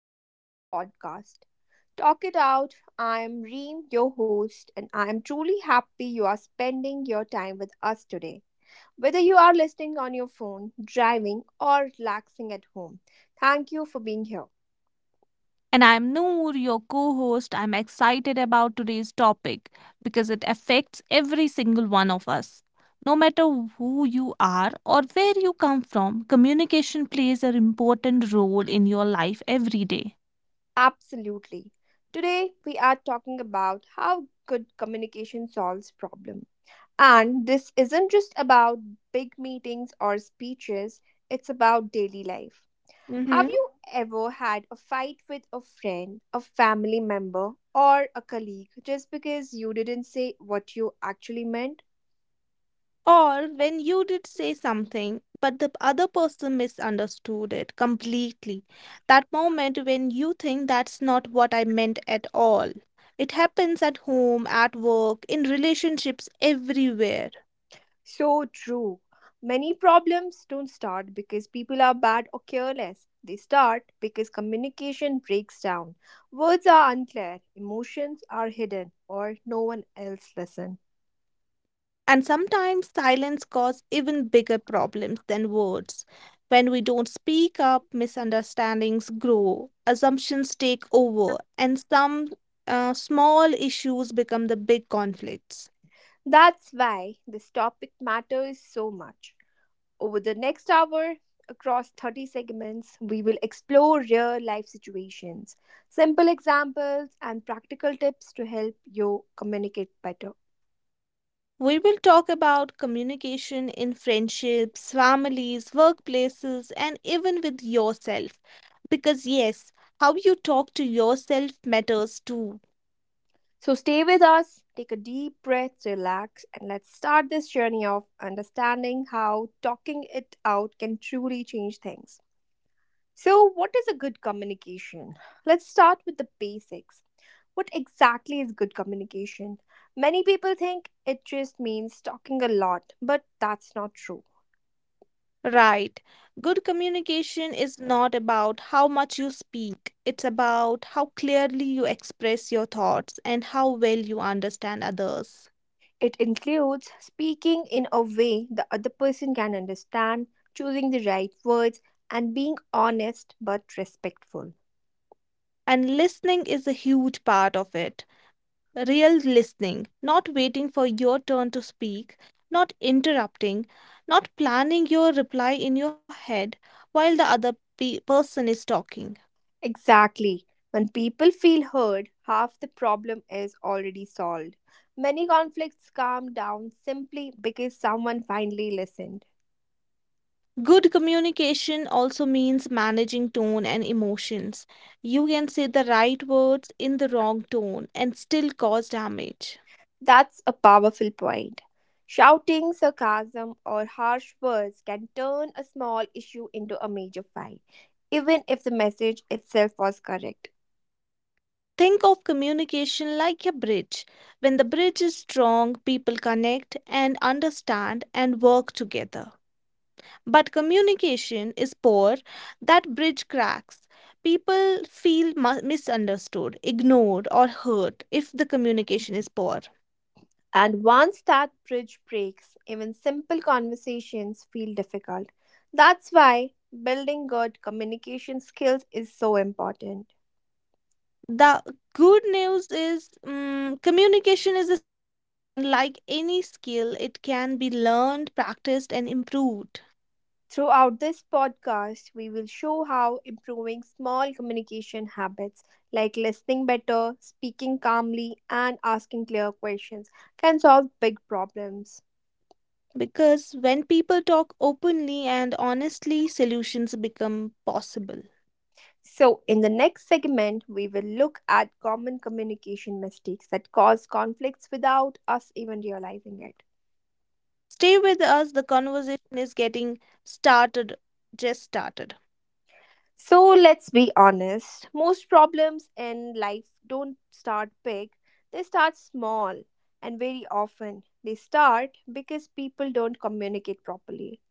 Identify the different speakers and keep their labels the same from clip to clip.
Speaker 1: welcome to our podcast. Talk it out. I am Reem, your host, and I am truly happy you are spending your time with us today. Whether you are listening on your phone, driving, or relaxing at home, thank you for being here.
Speaker 2: And I'm Noor, your co host. I'm excited about today's topic because it affects every single one of us. No matter who you are or where you come from, communication plays an important role in your life every day.
Speaker 1: Absolutely. Today, we are talking about how good communication solves problems. And this isn't just about big meetings or speeches, it's about daily life. Have you ever had a fight with a friend, a family member, or a colleague just because you didn't say what you actually meant?
Speaker 2: Or when you did say something, but the other person misunderstood it completely. That moment when you think that's not what I meant at all. It happens at home, at work, in relationships, everywhere.
Speaker 1: So true. Many problems don't start because people are bad or careless. They start because communication breaks down. Words are unclear, emotions are hidden, or no one else listens.
Speaker 2: And sometimes silence causes even bigger problems than words. When we don't speak up, misunderstandings grow, assumptions take over, and some small issues become the big conflicts.
Speaker 1: That's why this topic matters so much. Over the next hour, across 30 segments, we will explore real life situations, simple examples, and practical tips to help you communicate better.
Speaker 2: We will talk about communication in friendships, families, workplaces, and even with yourself. Because, yes, how you talk to yourself matters too.
Speaker 1: So stay with us, take a deep breath, relax, and let's start this journey of understanding how talking it out can truly change things. So, what is a good communication? Let's start with the basics. What exactly is good communication? Many people think it just means talking a lot, but that's not true.
Speaker 2: Right. Good communication is not about how much you speak, it's about how clearly you express your thoughts and how well you understand others.
Speaker 1: It includes speaking in a way the other person can understand, choosing the right words, and being honest but respectful.
Speaker 2: And listening is a huge part of it. Real listening, not waiting for your turn to speak, not interrupting, not planning your reply in your head while the other person is talking.
Speaker 1: Exactly. When people feel heard, half the problem is already solved. Many conflicts calm down simply because someone finally listened.
Speaker 2: Good communication also means managing tone and emotions. You can say the right words in the wrong tone and still cause damage.
Speaker 1: That's a powerful point. Shouting, sarcasm, or harsh words can turn a small issue into a major fight, even if the message itself was correct.
Speaker 2: Think of communication like a bridge. When the bridge is strong, people connect and understand and work together. But communication is poor, that bridge cracks. People feel misunderstood, ignored, or hurt if the communication is poor.
Speaker 1: And once that bridge breaks, even simple conversations feel difficult. That's why building good communication skills is so important.
Speaker 2: The good news is communication is a skill, and like any skill, it can be learned, practiced, and improved.
Speaker 1: Throughout this podcast, we will show how improving small communication habits like listening better, speaking calmly, and asking clear questions can solve big problems.
Speaker 2: Because when people talk openly and honestly, solutions become possible.
Speaker 1: So, in the next segment, we will look at common communication mistakes that cause conflicts without us even realizing it.
Speaker 2: Stay with us, the conversation is getting started just started.
Speaker 1: So let's be honest, most problems in life don't start big, they start small, and very often they start because people don't communicate properly.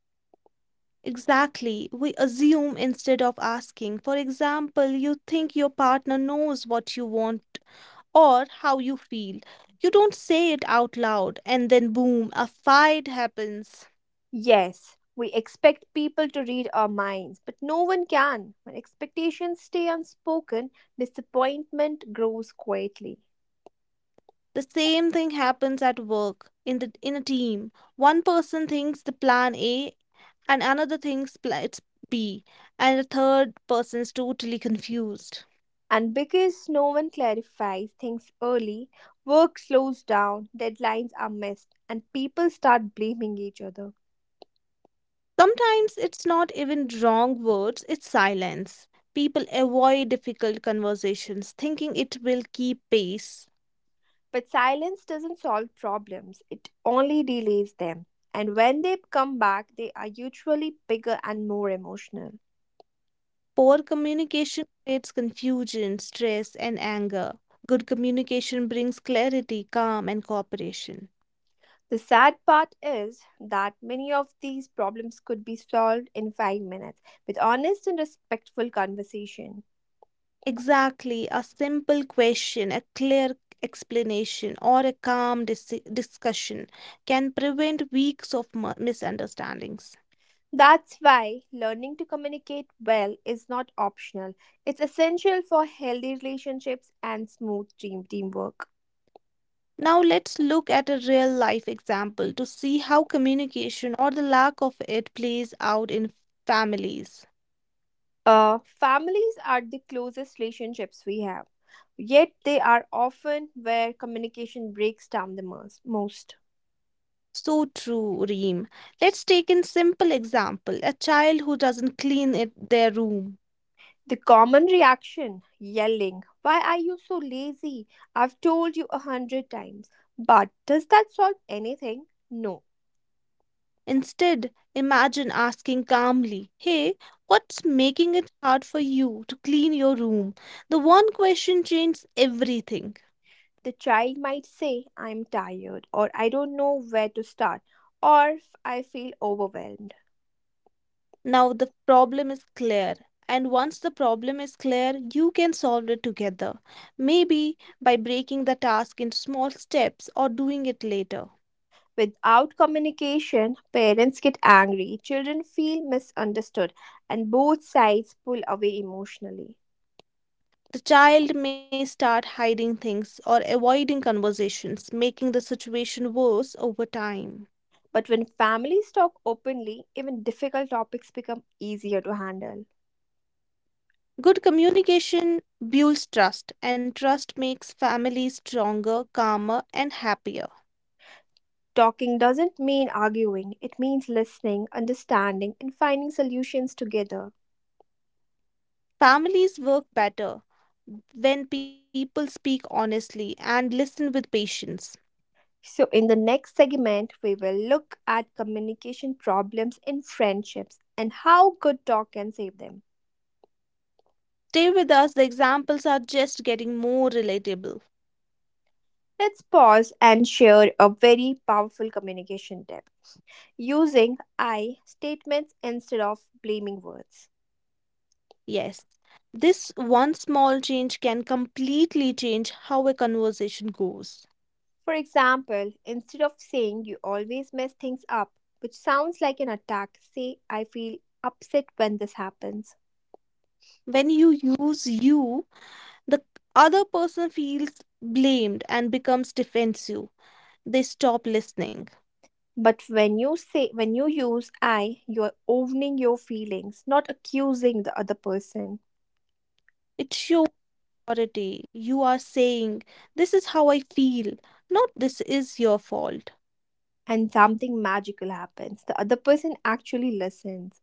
Speaker 2: Exactly, we assume instead of asking. For example, you think your partner knows what you want or how you feel. You don't say it out loud, and then boom, a fight happens.
Speaker 1: Yes, we expect people to read our minds, but no one can. When expectations stay unspoken, disappointment grows quietly.
Speaker 2: The same thing happens at work in the in a team. One person thinks the plan A, and another thinks it's B, and the third person is totally confused.
Speaker 1: And because no one clarifies things early, work slows down, deadlines are missed, and people start blaming each other.
Speaker 2: Sometimes it's not even wrong words, it's silence. People avoid difficult conversations, thinking it will keep pace.
Speaker 1: But silence doesn't solve problems, it only delays them. And when they come back, they are usually bigger and more emotional.
Speaker 2: Poor communication creates confusion, stress, and anger. Good communication brings clarity, calm, and cooperation.
Speaker 1: The sad part is that many of these problems could be solved in 5 minutes with honest and respectful conversation.
Speaker 2: Exactly, a simple question, a clear explanation, or a calm discussion can prevent weeks of misunderstandings.
Speaker 1: That's why learning to communicate well is not optional. It's essential for healthy relationships and smooth teamwork.
Speaker 2: Now, let's look at a real life example to see how communication or the lack of it plays out in families.
Speaker 1: Families are the closest relationships we have, yet they are often where communication breaks down the most.
Speaker 2: So true, Reem. Let's take an simple example, a child who doesn't clean it, their room.
Speaker 1: The common reaction yelling, Why are you so lazy? I've told you a hundred times. But does that solve anything? No.
Speaker 2: Instead, imagine asking calmly, "Hey, what's making it hard for you to clean your room?" The one question changes everything.
Speaker 1: The child might say, I'm tired, or I don't know where to start, or I feel overwhelmed.
Speaker 2: Now the problem is clear. And once the problem is clear, you can solve it together. Maybe by breaking the task into small steps or doing it later.
Speaker 1: Without communication, parents get angry, children feel misunderstood, and both sides pull away emotionally.
Speaker 2: The child may start hiding things or avoiding conversations, making the situation worse over time.
Speaker 1: But when families talk openly, even difficult topics become easier to handle.
Speaker 2: Good communication builds trust, and trust makes families stronger, calmer, and happier.
Speaker 1: Talking doesn't mean arguing, it means listening, understanding, and finding solutions together.
Speaker 2: Families work better when people speak honestly and listen with patience.
Speaker 1: So, in the next segment, we will look at communication problems in friendships and how good talk can save them.
Speaker 2: Stay with us, the examples are just getting more relatable.
Speaker 1: Let's pause and share a very powerful communication tip using I statements instead of blaming words.
Speaker 2: Yes, this one small change can completely change how a conversation goes.
Speaker 1: For example, instead of saying you always mess things up, which sounds like an attack, say I feel upset when this happens.
Speaker 2: When you use you, the other person feels blamed and becomes defensive. They stop listening.
Speaker 1: But when you say when you use I, you're owning your feelings, not accusing the other person.
Speaker 2: It shows authority. You are saying, "This is how I feel," not "this is your fault."
Speaker 1: And something magical happens. The other person actually listens.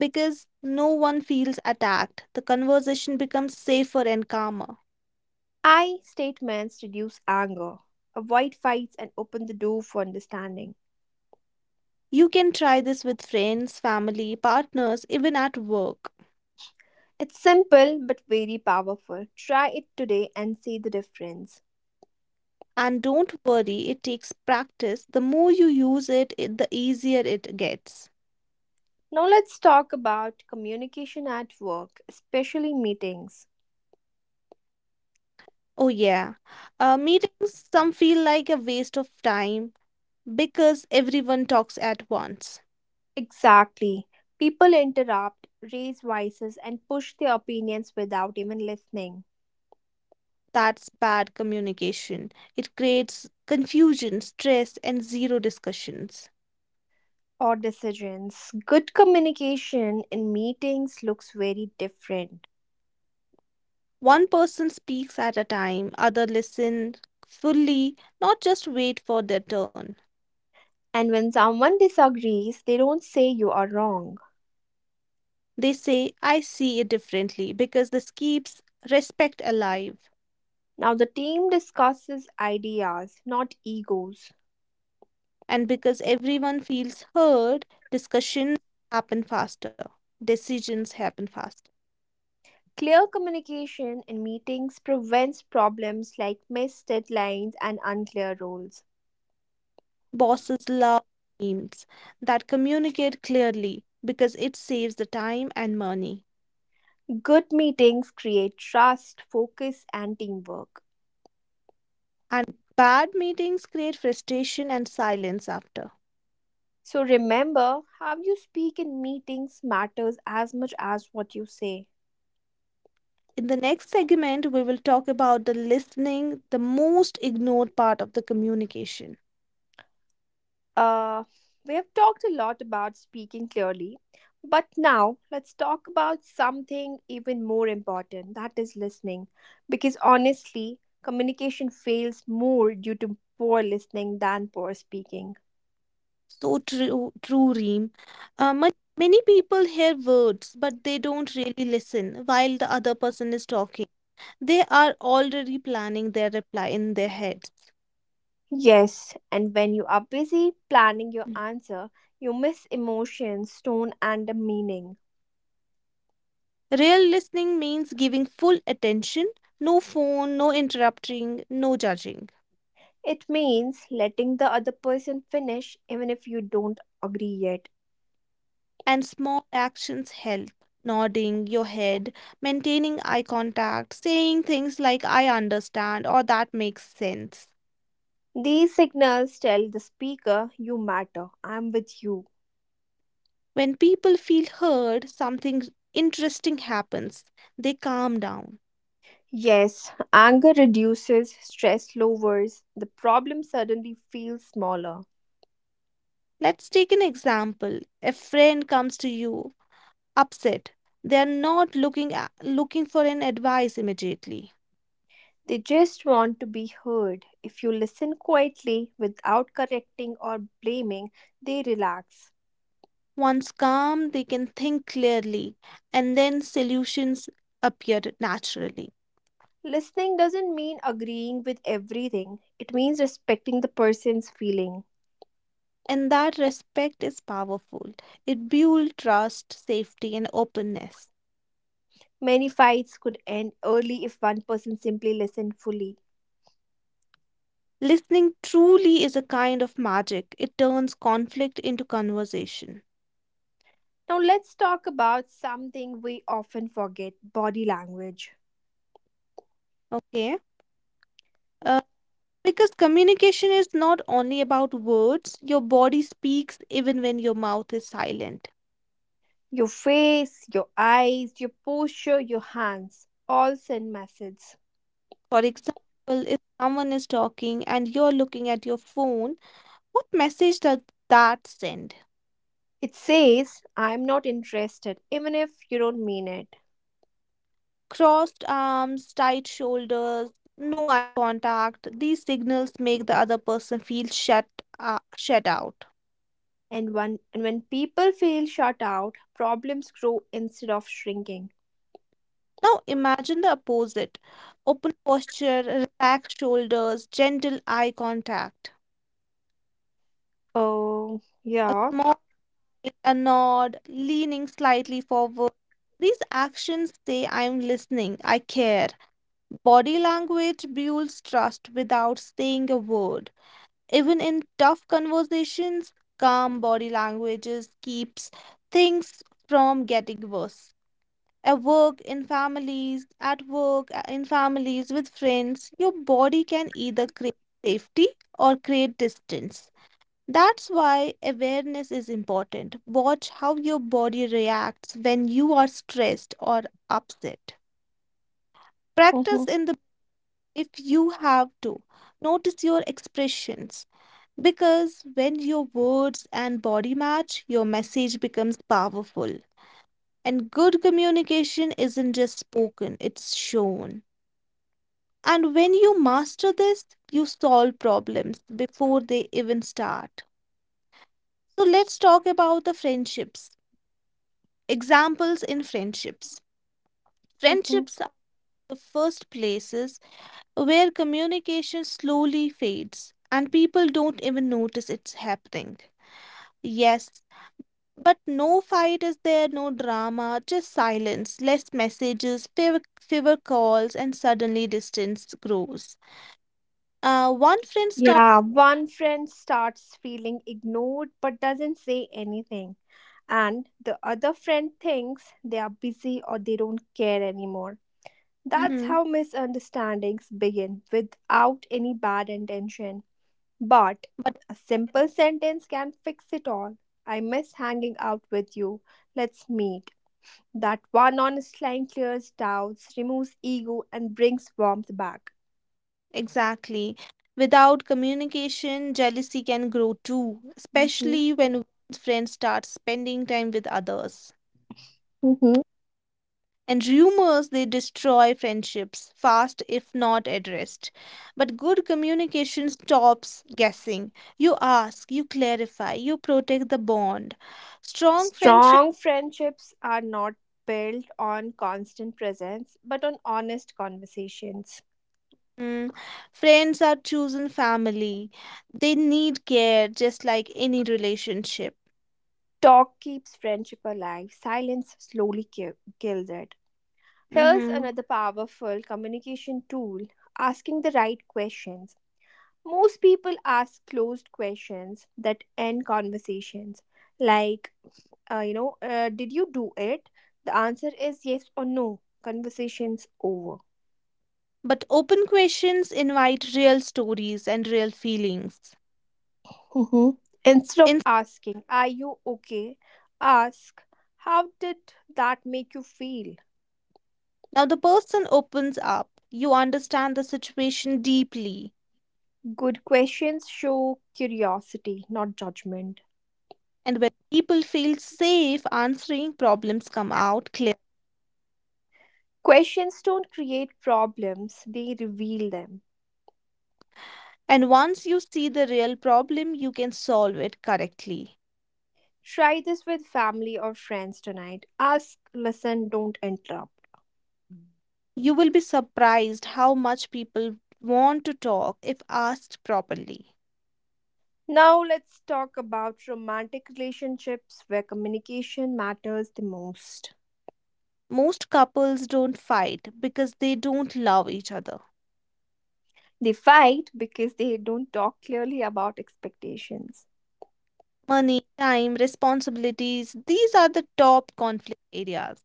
Speaker 2: Because no one feels attacked, the conversation becomes safer and calmer.
Speaker 1: I statements reduce anger, avoid fights and open the door for understanding.
Speaker 2: You can try this with friends, family, partners, even at work.
Speaker 1: It's simple but very powerful. Try it today and see the difference.
Speaker 2: And don't worry, it takes practice. The more you use it, the easier it gets.
Speaker 1: Now let's talk about communication at work, especially meetings.
Speaker 2: Oh, yeah. Meetings, some feel like a waste of time because everyone talks at once.
Speaker 1: Exactly. People interrupt, raise voices, and push their opinions without even listening
Speaker 2: That's bad communication. It creates confusion, stress, and zero discussions.
Speaker 1: or decisions. Good communication in meetings looks very different.
Speaker 2: One person speaks at a time, other listen fully, not just wait for their turn.
Speaker 1: And when someone disagrees, they don't say you are wrong.
Speaker 2: They say, "I see it differently," because this keeps respect alive.
Speaker 1: Now the team discusses ideas, not egos.
Speaker 2: And because everyone feels heard, discussions happen faster, decisions happen faster.
Speaker 1: Clear communication in meetings prevents problems like missed deadlines and unclear roles.
Speaker 2: Bosses love teams that communicate clearly because it saves the time and money.
Speaker 1: Good meetings create trust, focus, and teamwork.
Speaker 2: And bad meetings create frustration and silence after.
Speaker 1: So remember, how you speak in meetings matters as much as what you say.
Speaker 2: In the next segment, we will talk about the listening, the most ignored part of the communication.
Speaker 1: Uh, we have talked a lot about speaking clearly, but now let's talk about something even more important that is listening. Because honestly, communication fails more due to poor listening than poor speaking.
Speaker 2: So true, Reem. Uh, ma- Many people hear words, but they don't really listen while the other person is talking. They are already planning their reply in their heads.
Speaker 1: Yes, and when you are busy planning your answer, you miss emotions, tone, and the meaning.
Speaker 2: Real listening means giving full attention, no phone, no interrupting, no judging.
Speaker 1: It means letting the other person finish even if you don't agree yet.
Speaker 2: And small actions help. Nodding your head, maintaining eye contact, saying things like "I understand" or "that makes sense."
Speaker 1: These signals tell the speaker, You matter, I'm with you.
Speaker 2: When people feel heard, something interesting happens. They calm down.
Speaker 1: Yes, anger reduces, stress lowers, the problem suddenly feels smaller.
Speaker 2: Let's take an example. A friend comes to you upset. They are not looking looking for an advice immediately.
Speaker 1: They just want to be heard. If you listen quietly without correcting or blaming, they relax.
Speaker 2: Once calm, they can think clearly, and then solutions appear naturally.
Speaker 1: Listening doesn't mean agreeing with everything, it means respecting the person's feeling.
Speaker 2: And that respect is powerful. It builds trust, safety, and openness.
Speaker 1: Many fights could end early if one person simply listened fully.
Speaker 2: Listening truly is a kind of magic. It turns conflict into conversation.
Speaker 1: Now, let's talk about something we often forget body language.
Speaker 2: Okay. Uh, because communication is not only about words, your body speaks even when your mouth is silent.
Speaker 1: Your face, your eyes, your posture, your hands all send messages.
Speaker 2: For example, if someone is talking and you're looking at your phone, what message does that send?
Speaker 1: It says, I'm not interested, even if you don't mean it.
Speaker 2: Crossed arms, tight shoulders, no eye contact. These signals make the other person feel shut out.
Speaker 1: And when people feel shut out, problems grow instead of shrinking.
Speaker 2: Now imagine the opposite. Open posture, relaxed shoulders, gentle eye contact.
Speaker 1: Oh,
Speaker 2: A
Speaker 1: yeah.
Speaker 2: small a nod, leaning slightly forward. These actions say, "I'm listening, I care." Body language builds trust without saying a word. Even in tough conversations, calm body languages keeps things from getting worse. At work, in families, with friends, your body can either create safety or create distance. That's why awareness is important. Watch how your body reacts when you are stressed or upset. Practice
Speaker 1: Mhm,
Speaker 2: in the if you have to. Notice your expressions, because when your words and body match, your message becomes powerful. And good communication isn't just spoken, it's shown. And when you master this, you solve problems before they even start. So let's talk about the friendships examples in friendships.
Speaker 1: mhm.
Speaker 2: Friendships are the first places where communication slowly fades and people don't even notice it's happening. Yes, but no fight is there, no drama, just silence, less messages, fewer calls, and suddenly distance grows. One friend starts.
Speaker 1: Yeah, one friend starts feeling ignored but doesn't say anything. And the other friend thinks they are busy or they don't care anymore. That's
Speaker 2: Mhm.
Speaker 1: how misunderstandings begin without any bad intention. But
Speaker 2: But.
Speaker 1: a simple sentence can fix it all. I miss hanging out with you. Let's meet. That one honest line clears doubts, removes ego, and brings warmth back.
Speaker 2: Exactly. Without communication, jealousy can grow too,
Speaker 1: Mhm,
Speaker 2: especially when one's friend starts spending time with others.
Speaker 1: mhm.
Speaker 2: And rumors, they destroy friendships fast if not addressed. But good communication stops guessing. You ask, you clarify, you protect the bond. Strong friendship,
Speaker 1: Strong friendships are not built on constant presence, but on honest conversations.
Speaker 2: mm, friends are chosen family. They need care just like any relationship.
Speaker 1: Talk keeps friendship alive, silence slowly kills it. Here's
Speaker 2: Mm-hmm.
Speaker 1: another powerful communication tool asking the right questions. Most people ask closed questions that end conversations, like, did you do it? The answer is yes or no. Conversation's over.
Speaker 2: But open questions invite real stories and real feelings.
Speaker 1: Mhm. Instead of
Speaker 2: In-
Speaker 1: asking, are you okay? Ask, how did that make you feel?
Speaker 2: now, the person opens up, you understand the situation deeply.
Speaker 1: Good questions show curiosity, not judgment.
Speaker 2: And when people feel safe answering, problems come out clear.
Speaker 1: Questions don't create problems, they reveal them.
Speaker 2: And once you see the real problem, you can solve it correctly.
Speaker 1: Try this with family or friends tonight. Ask, listen, don't interrupt.
Speaker 2: You will be surprised how much people want to talk if asked properly.
Speaker 1: Now let's talk about romantic relationships where communication matters the most.
Speaker 2: Most couples don't fight because they don't love each other.
Speaker 1: They fight because they don't talk clearly about expectations.
Speaker 2: Money, time, responsibilities. These are the top conflict areas.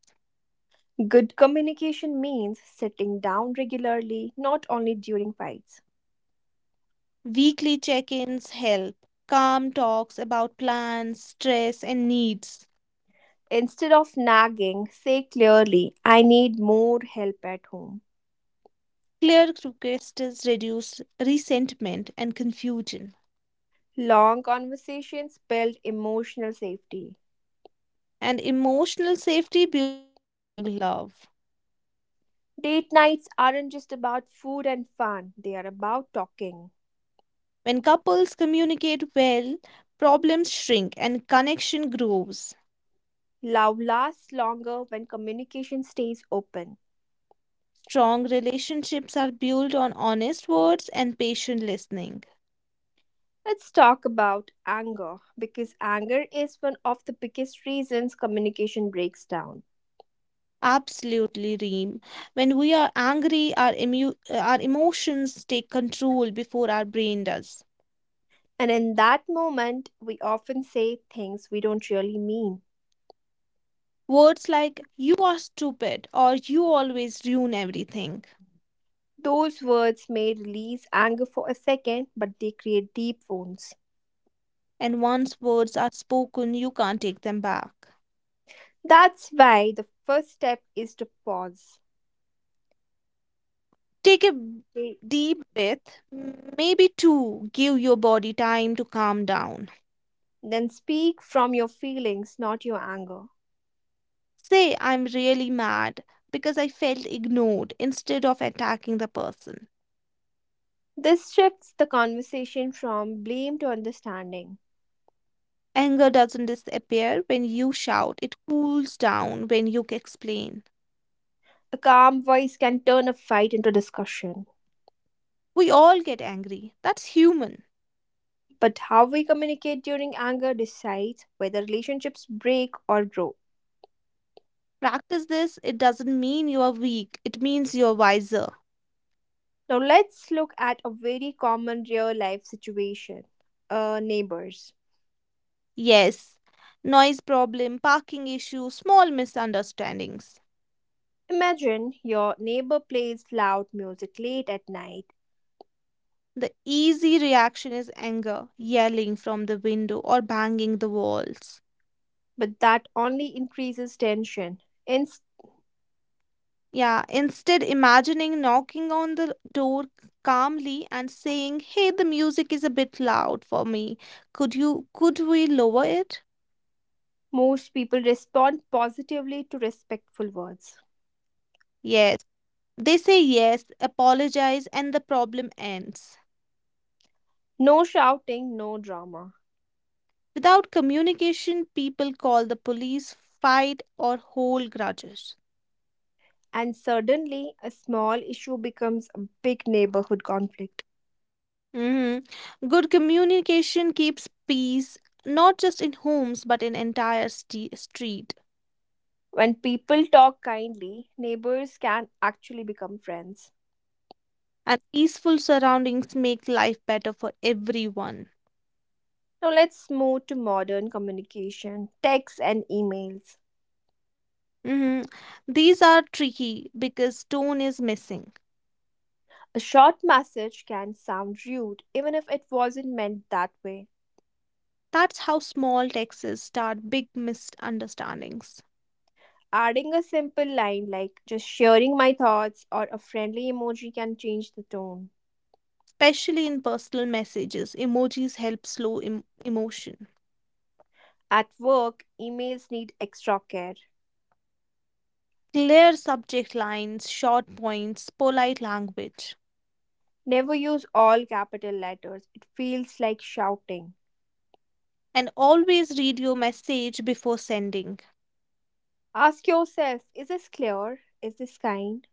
Speaker 1: Good communication means sitting down regularly, not only during fights.
Speaker 2: Weekly check ins help, calm talks about plans, stress, and needs.
Speaker 1: Instead of nagging, say clearly, I need more help at home.
Speaker 2: Clear requests reduce resentment and confusion.
Speaker 1: Long conversations build emotional safety.
Speaker 2: And emotional safety builds strong love.
Speaker 1: Date nights aren't just about food and fun, they are about talking.
Speaker 2: When couples communicate well, problems shrink and connection grows.
Speaker 1: Love lasts longer when communication stays open.
Speaker 2: Strong relationships are built on honest words and patient listening.
Speaker 1: Let's talk about anger because anger is one of the biggest reasons communication breaks down.
Speaker 2: Absolutely, Reem. When we are angry, our emu our emotions take control before our brain does.
Speaker 1: And in that moment, we often say things we don't really mean.
Speaker 2: Words like "you are stupid" or "you always ruin everything,"
Speaker 1: Those words may release anger for a second, but they create deep wounds.
Speaker 2: and once words are spoken, you can't take them back.
Speaker 1: That's why the first step is to pause.
Speaker 2: Take a
Speaker 1: They-
Speaker 2: deep breath, maybe two. Give your body time to calm down.
Speaker 1: Then speak from your feelings, not your anger.
Speaker 2: Say, "I'm really mad because I felt ignored," instead of attacking the person.
Speaker 1: This shifts the conversation from blame to understanding.
Speaker 2: Anger doesn't disappear when you shout, it cools down when you explain.
Speaker 1: A calm voice can turn a fight into discussion.
Speaker 2: We all get angry. That's human.
Speaker 1: But how we communicate during anger decides whether relationships break or grow.
Speaker 2: Practice this. It doesn't mean you are weak, it means you're wiser.
Speaker 1: Now let's look at a very common real life situation. Neighbors.
Speaker 2: Yes, noise problem, parking issue, small misunderstandings.
Speaker 1: Imagine your neighbor plays loud music late at night,
Speaker 2: The easy reaction is anger, yelling from the window or banging the walls.
Speaker 1: but that only increases tension. Instead,
Speaker 2: Yeah, instead, imagining knocking on the door calmly and saying, "Hey, the music is a bit loud for me. Could we lower it?"
Speaker 1: most people respond positively to respectful words.
Speaker 2: Yes. They say yes, apologize, and the problem ends.
Speaker 1: No shouting, no drama.
Speaker 2: Without communication, people call the police, fight, or hold grudges.
Speaker 1: And suddenly, a small issue becomes a big neighborhood conflict.
Speaker 2: Hmm. Good communication keeps peace, not just in homes, but in entire street.
Speaker 1: When people talk kindly, neighbors can actually become friends.
Speaker 2: And peaceful surroundings make life better for everyone.
Speaker 1: Now, let's move to modern communication, texts, and emails.
Speaker 2: Mhm. These are tricky because tone is missing.
Speaker 1: A short message can sound rude even if it wasn't meant that way.
Speaker 2: That's how small texts start big misunderstandings,
Speaker 1: Adding a simple line like just sharing my thoughts or a friendly emoji can change the tone.
Speaker 2: especially in personal messages. Emojis help slow emotion.
Speaker 1: At work, emails need extra care.
Speaker 2: Clear subject lines, short points, polite language.
Speaker 1: Never use all capital letters, it feels like shouting.
Speaker 2: And always read your message before sending.
Speaker 1: Ask yourself is this clear? Is this kind?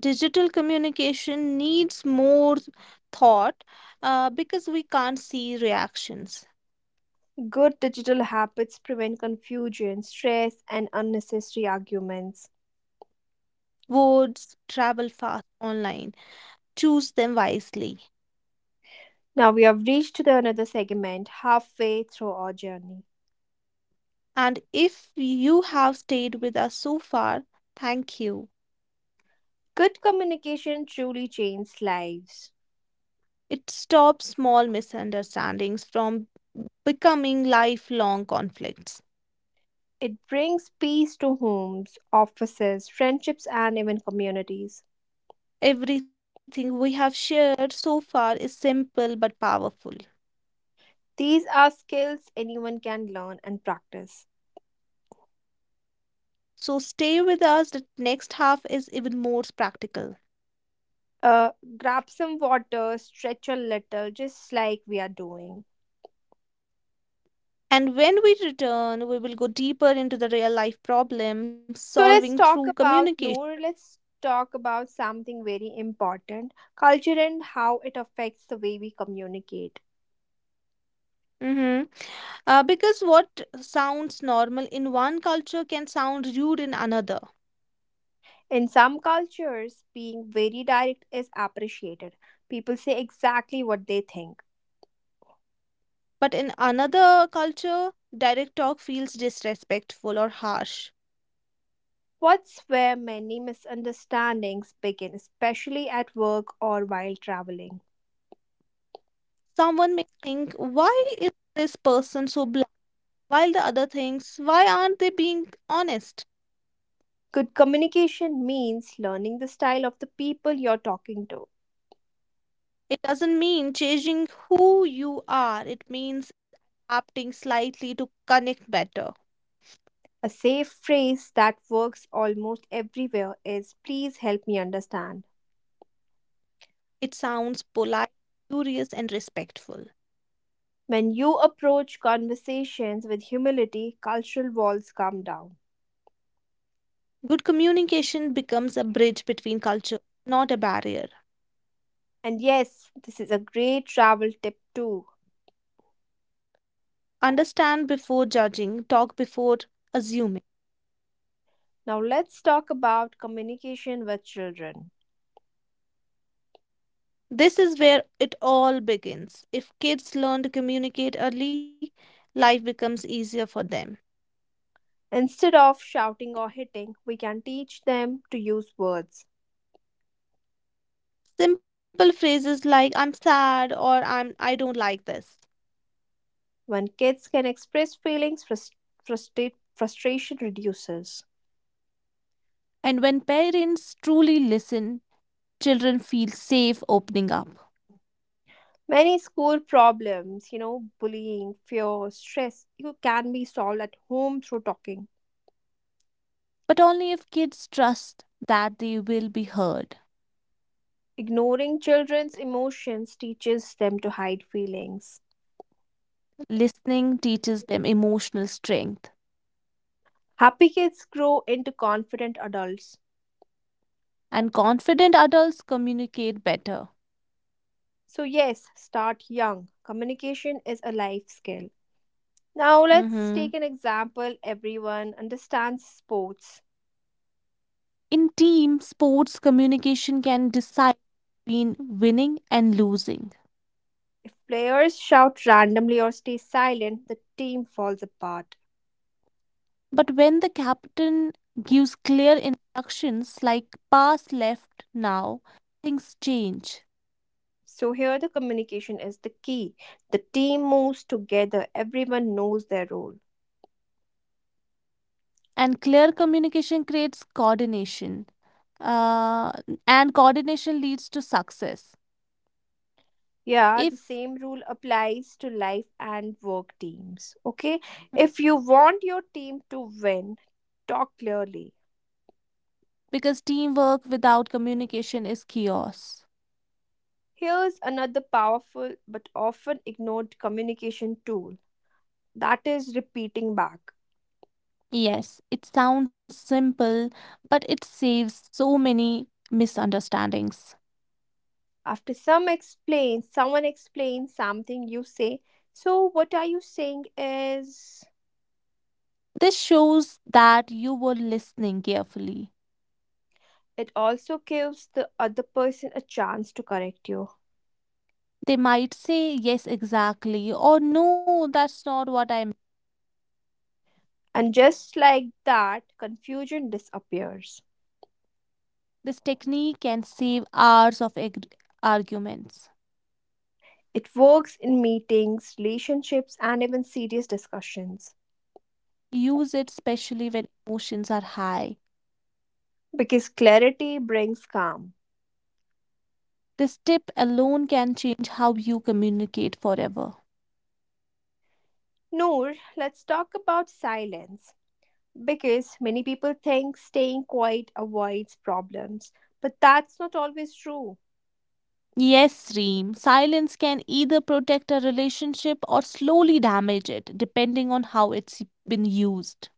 Speaker 2: Digital communication needs more thought, because we can't see reactions.
Speaker 1: Good digital habits prevent confusion, stress, and unnecessary arguments.
Speaker 2: Words travel fast online. Choose them wisely.
Speaker 1: Now we have reached to the another segment halfway through our journey.
Speaker 2: And if you have stayed with us so far, thank you.
Speaker 1: Good communication truly changes lives.
Speaker 2: It stops small misunderstandings from becoming lifelong conflicts.
Speaker 1: It brings peace to homes, offices, friendships, and even communities.
Speaker 2: Everything we have shared so far is simple but powerful.
Speaker 1: These are skills anyone can learn and practice.
Speaker 2: So stay with us, the next half is even more practical.
Speaker 1: Uh, grab some water, stretch a little, just like we are doing.
Speaker 2: And when we return, we will go deeper into the real life problem
Speaker 1: So let's
Speaker 2: solving
Speaker 1: talk
Speaker 2: through
Speaker 1: about
Speaker 2: communication.
Speaker 1: Noor. Let's talk about something very important: culture and how it affects the way we communicate.
Speaker 2: Mm-hmm. Because what sounds normal in one culture can sound rude in another.
Speaker 1: In some cultures, being very direct is appreciated. People say exactly what they think.
Speaker 2: But in another culture, direct talk feels disrespectful or harsh.
Speaker 1: What's where many misunderstandings begin, especially at work or while traveling.
Speaker 2: Someone may think, why is this person so blunt? While the other thinks, why aren't they being honest?
Speaker 1: Good communication means learning the style of the people you're talking to.
Speaker 2: It doesn't mean changing who you are, it means adapting slightly to connect better.
Speaker 1: A safe phrase that works almost everywhere is please help me understand.
Speaker 2: It sounds polite, curious, and respectful.
Speaker 1: When you approach conversations with humility, cultural walls come down.
Speaker 2: Good communication becomes a bridge between culture, not a barrier.
Speaker 1: And yes, this is a great travel tip too.
Speaker 2: Understand before judging, talk before assuming.
Speaker 1: Now let's talk about communication with children.
Speaker 2: This is where it all begins. If kids learn to communicate early, life becomes easier for them.
Speaker 1: Instead of shouting or hitting, we can teach them to use words.
Speaker 2: Simple phrases like I'm sad or I don't like this.
Speaker 1: When kids can express feelings, frustration reduces.
Speaker 2: And when parents truly listen, children feel safe opening up.
Speaker 1: Many school problems, bullying, fear, stress, you can be solved at home through talking.
Speaker 2: But only if kids trust that they will be heard.
Speaker 1: Ignoring children's emotions teaches them to hide feelings.
Speaker 2: Listening teaches them emotional strength.
Speaker 1: Happy kids grow into confident adults.
Speaker 2: And confident adults communicate better.
Speaker 1: So, yes, start young. Communication is a life skill. Now, let's
Speaker 2: Mhm.
Speaker 1: take an example everyone understands sports.
Speaker 2: In team sports, communication can decide between winning and losing.
Speaker 1: If players shout randomly or stay silent, the team falls apart.
Speaker 2: But when the captain gives clear instructions like pass left now, things change.
Speaker 1: So, here the communication is the key. The team moves together, everyone knows their role.
Speaker 2: And clear communication creates coordination. Uh, and coordination leads to success.
Speaker 1: Yeah, the
Speaker 2: If
Speaker 1: same rule applies to life and work teams. Okay, if you want your team to win, talk clearly.
Speaker 2: Because teamwork without communication is chaos.
Speaker 1: Here's another powerful but often ignored communication tool that is repeating back.
Speaker 2: Yes, it sounds simple, but it saves so many misunderstandings.
Speaker 1: After someone explains something, you say, so what are you saying is,
Speaker 2: This shows that you were listening carefully.
Speaker 1: it also gives the other person a chance to correct you.
Speaker 2: They might say, yes, exactly, or no, that's not what I meant.
Speaker 1: And just like that, confusion disappears.
Speaker 2: This technique can save hours of arguments.
Speaker 1: It works in meetings, relationships, and even serious discussions
Speaker 2: Use it especially when emotions are high.
Speaker 1: because clarity brings calm.
Speaker 2: This tip alone can change how you communicate forever.
Speaker 1: Noor, let's talk about silence because many people think staying quiet avoids problems, but that's not always true.
Speaker 2: Yes, Reem, silence can either protect a relationship or slowly damage it, depending on how it's been used.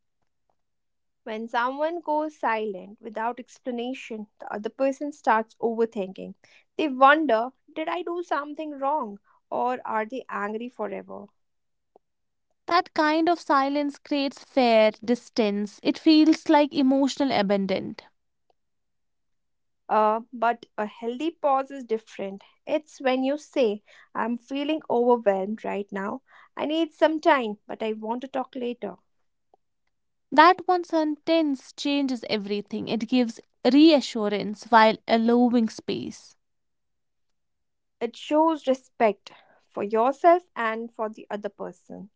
Speaker 1: When someone goes silent without explanation, the other person starts overthinking. They wonder, did I do something wrong? Or are they angry forever?
Speaker 2: That kind of silence creates fear, distance. It feels like emotional abandon.
Speaker 1: But a healthy pause is different. It's when you say, I'm feeling overwhelmed right now. I need some time, but I want to talk later.
Speaker 2: That one sentence changes everything. It gives reassurance while allowing space.
Speaker 1: It shows respect for yourself and for the other person.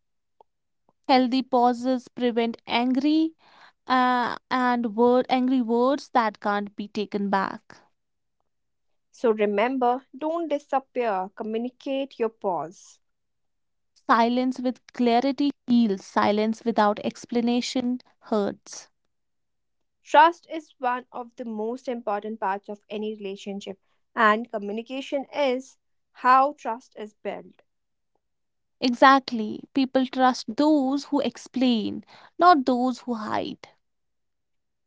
Speaker 2: Healthy pauses prevent angry words that can't be taken back.
Speaker 1: So remember, don't disappear, communicate your pause.
Speaker 2: Silence with clarity heals, silence without explanation hurts.
Speaker 1: Trust is one of the most important parts of any relationship, and communication is how trust is built.
Speaker 2: Exactly. People trust those who explain, not those who hide.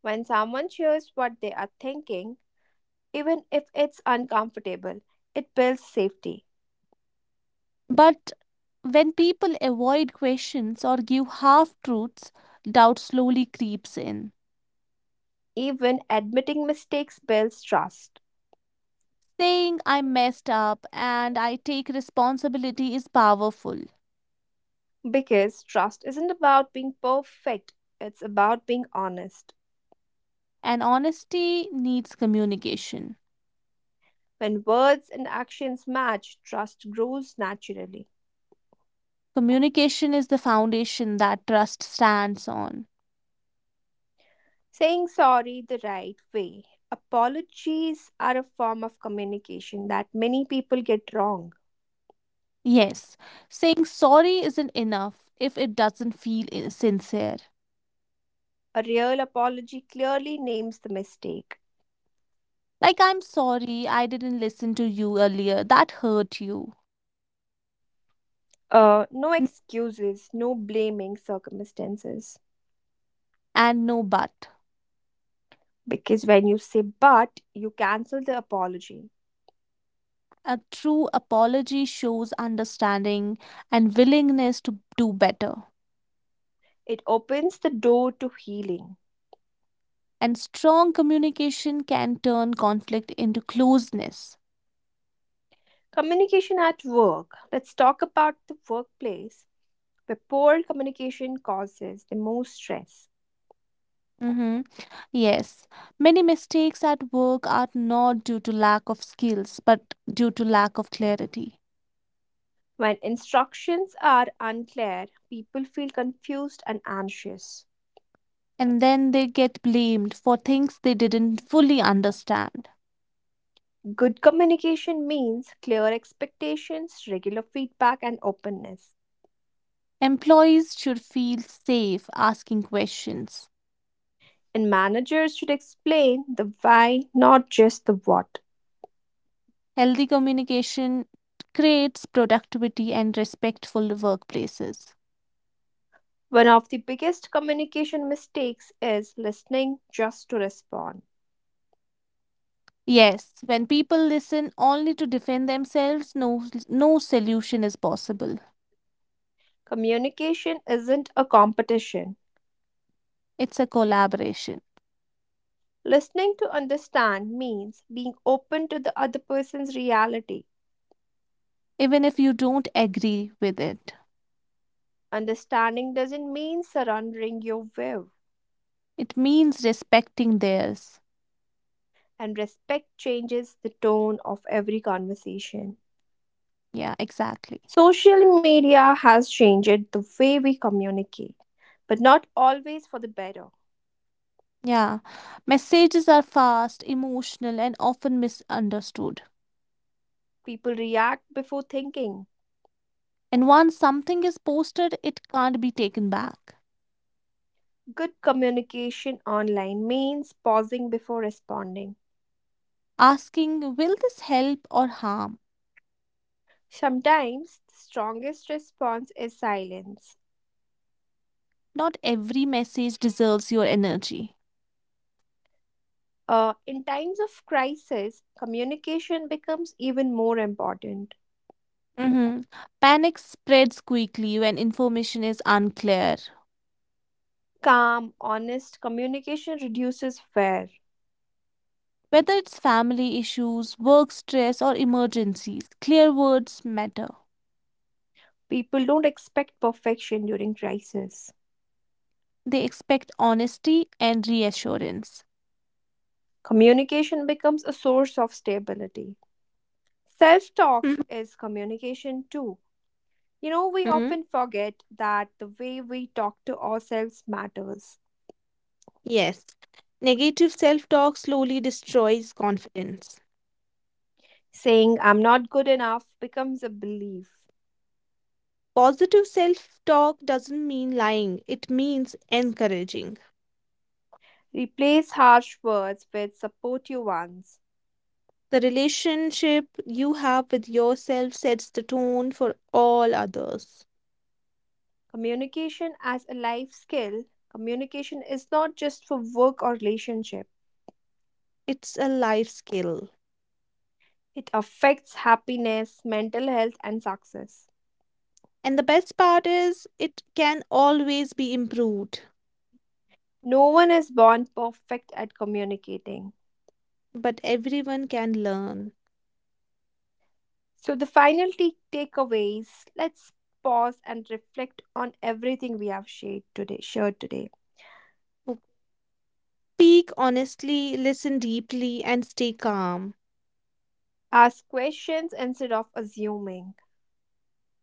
Speaker 1: When someone shares what they are thinking, even if it's uncomfortable, it builds safety.
Speaker 2: But when people avoid questions or give half truths, doubt slowly creeps in.
Speaker 1: Even admitting mistakes builds trust.
Speaker 2: Saying I messed up and I take responsibility is powerful,
Speaker 1: Because trust isn't about being perfect, it's about being honest.
Speaker 2: and honesty needs communication.
Speaker 1: When words and actions match, trust grows naturally.
Speaker 2: Communication is the foundation that trust stands on.
Speaker 1: Saying sorry the right way. Apologies are a form of communication that many people get wrong.
Speaker 2: Yes, saying sorry isn't enough if it doesn't sincere.
Speaker 1: A real apology clearly names the mistake.
Speaker 2: Like, I'm sorry, I didn't listen to you earlier, that hurt you.
Speaker 1: No
Speaker 2: N-
Speaker 1: excuses, no blaming circumstances.
Speaker 2: And no but.
Speaker 1: Because when you say but, you cancel the apology.
Speaker 2: A true apology shows understanding and willingness to do better.
Speaker 1: It opens the door to healing.
Speaker 2: And strong communication can turn conflict into closeness.
Speaker 1: Communication at work. Let's talk about the workplace where poor communication causes the most stress.
Speaker 2: Hmm. Yes, many mistakes at work are not due to lack of skills, but due to lack of clarity.
Speaker 1: When instructions are unclear, people feel confused and anxious.
Speaker 2: And then they get blamed for things they didn't fully understand.
Speaker 1: Good communication means clear expectations, regular feedback, and openness.
Speaker 2: Employees should feel safe asking questions.
Speaker 1: And managers should explain the why, not just the what.
Speaker 2: Healthy communication creates productivity and respectful workplaces.
Speaker 1: One of the biggest communication mistakes is listening just to respond.
Speaker 2: Yes, when people listen only to defend themselves, no solution is possible.
Speaker 1: Communication isn't a competition.
Speaker 2: It's a collaboration,
Speaker 1: Listening to understand means being open to the other person's reality.
Speaker 2: even if you don't agree with it.
Speaker 1: Understanding doesn't mean surrendering your view,
Speaker 2: It means respecting theirs.
Speaker 1: and respect changes the tone of every conversation.
Speaker 2: Yeah, exactly.
Speaker 1: Social media has changed the way we communicate, but not always for the better.
Speaker 2: Yeah, messages are fast, emotional, and often misunderstood.
Speaker 1: People react before thinking.
Speaker 2: And once something is posted, it can't be taken back.
Speaker 1: Good communication online means pausing before responding.
Speaker 2: Asking, will this help or harm?
Speaker 1: Sometimes the strongest response is silence.
Speaker 2: Not every message deserves your energy.
Speaker 1: In times of crisis, communication becomes even more important.
Speaker 2: Hmm. Panic spreads quickly when information is unclear.
Speaker 1: Calm, honest communication reduces fear.
Speaker 2: Whether it's family issues, work stress, or emergencies, clear words matter.
Speaker 1: People don't expect perfection during crisis.
Speaker 2: They expect honesty and reassurance.
Speaker 1: Communication becomes a source of stability. Self talk is communication too. We
Speaker 2: Mhm.
Speaker 1: often forget that the way we talk to ourselves matters.
Speaker 2: Yes, negative self talk slowly destroys confidence.
Speaker 1: Saying, I'm not good enough becomes a belief.
Speaker 2: Positive self talk doesn't mean lying, it means encouraging.
Speaker 1: Replace harsh words with supportive ones.
Speaker 2: The relationship you have with yourself sets the tone for all others.
Speaker 1: Communication as a life skill, communication is not just for work or relationship.
Speaker 2: It's a life skill.
Speaker 1: It affects happiness, mental health, and success.
Speaker 2: And the best part is, it can always be improved,
Speaker 1: No one is born perfect at communicating.
Speaker 2: but everyone can learn.
Speaker 1: So, the final takeaways, let's pause and reflect on everything we have shared today.
Speaker 2: Speak honestly, listen deeply, and stay calm.
Speaker 1: Ask questions instead of assuming.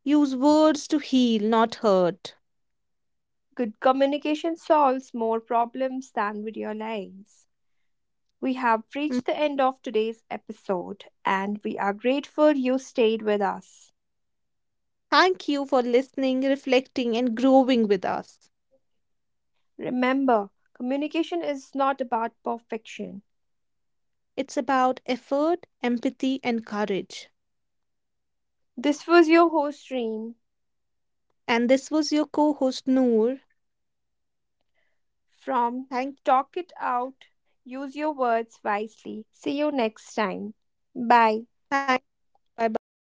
Speaker 2: Use words to heal, not hurt.
Speaker 1: Good communication solves more problems than we realize. We have reached the end of today's episode and we are grateful you stayed with us.
Speaker 2: Thank you for listening, reflecting, and growing with us.
Speaker 1: Remember, communication is not about perfection.
Speaker 2: It's about effort, empathy, and courage.
Speaker 1: This was your host, Reem,
Speaker 2: And this was your co host, Noor.
Speaker 1: from
Speaker 2: Thank you.
Speaker 1: Talk It Out. Use your words wisely. See you next time. Bye.
Speaker 2: Thank you. Bye bye.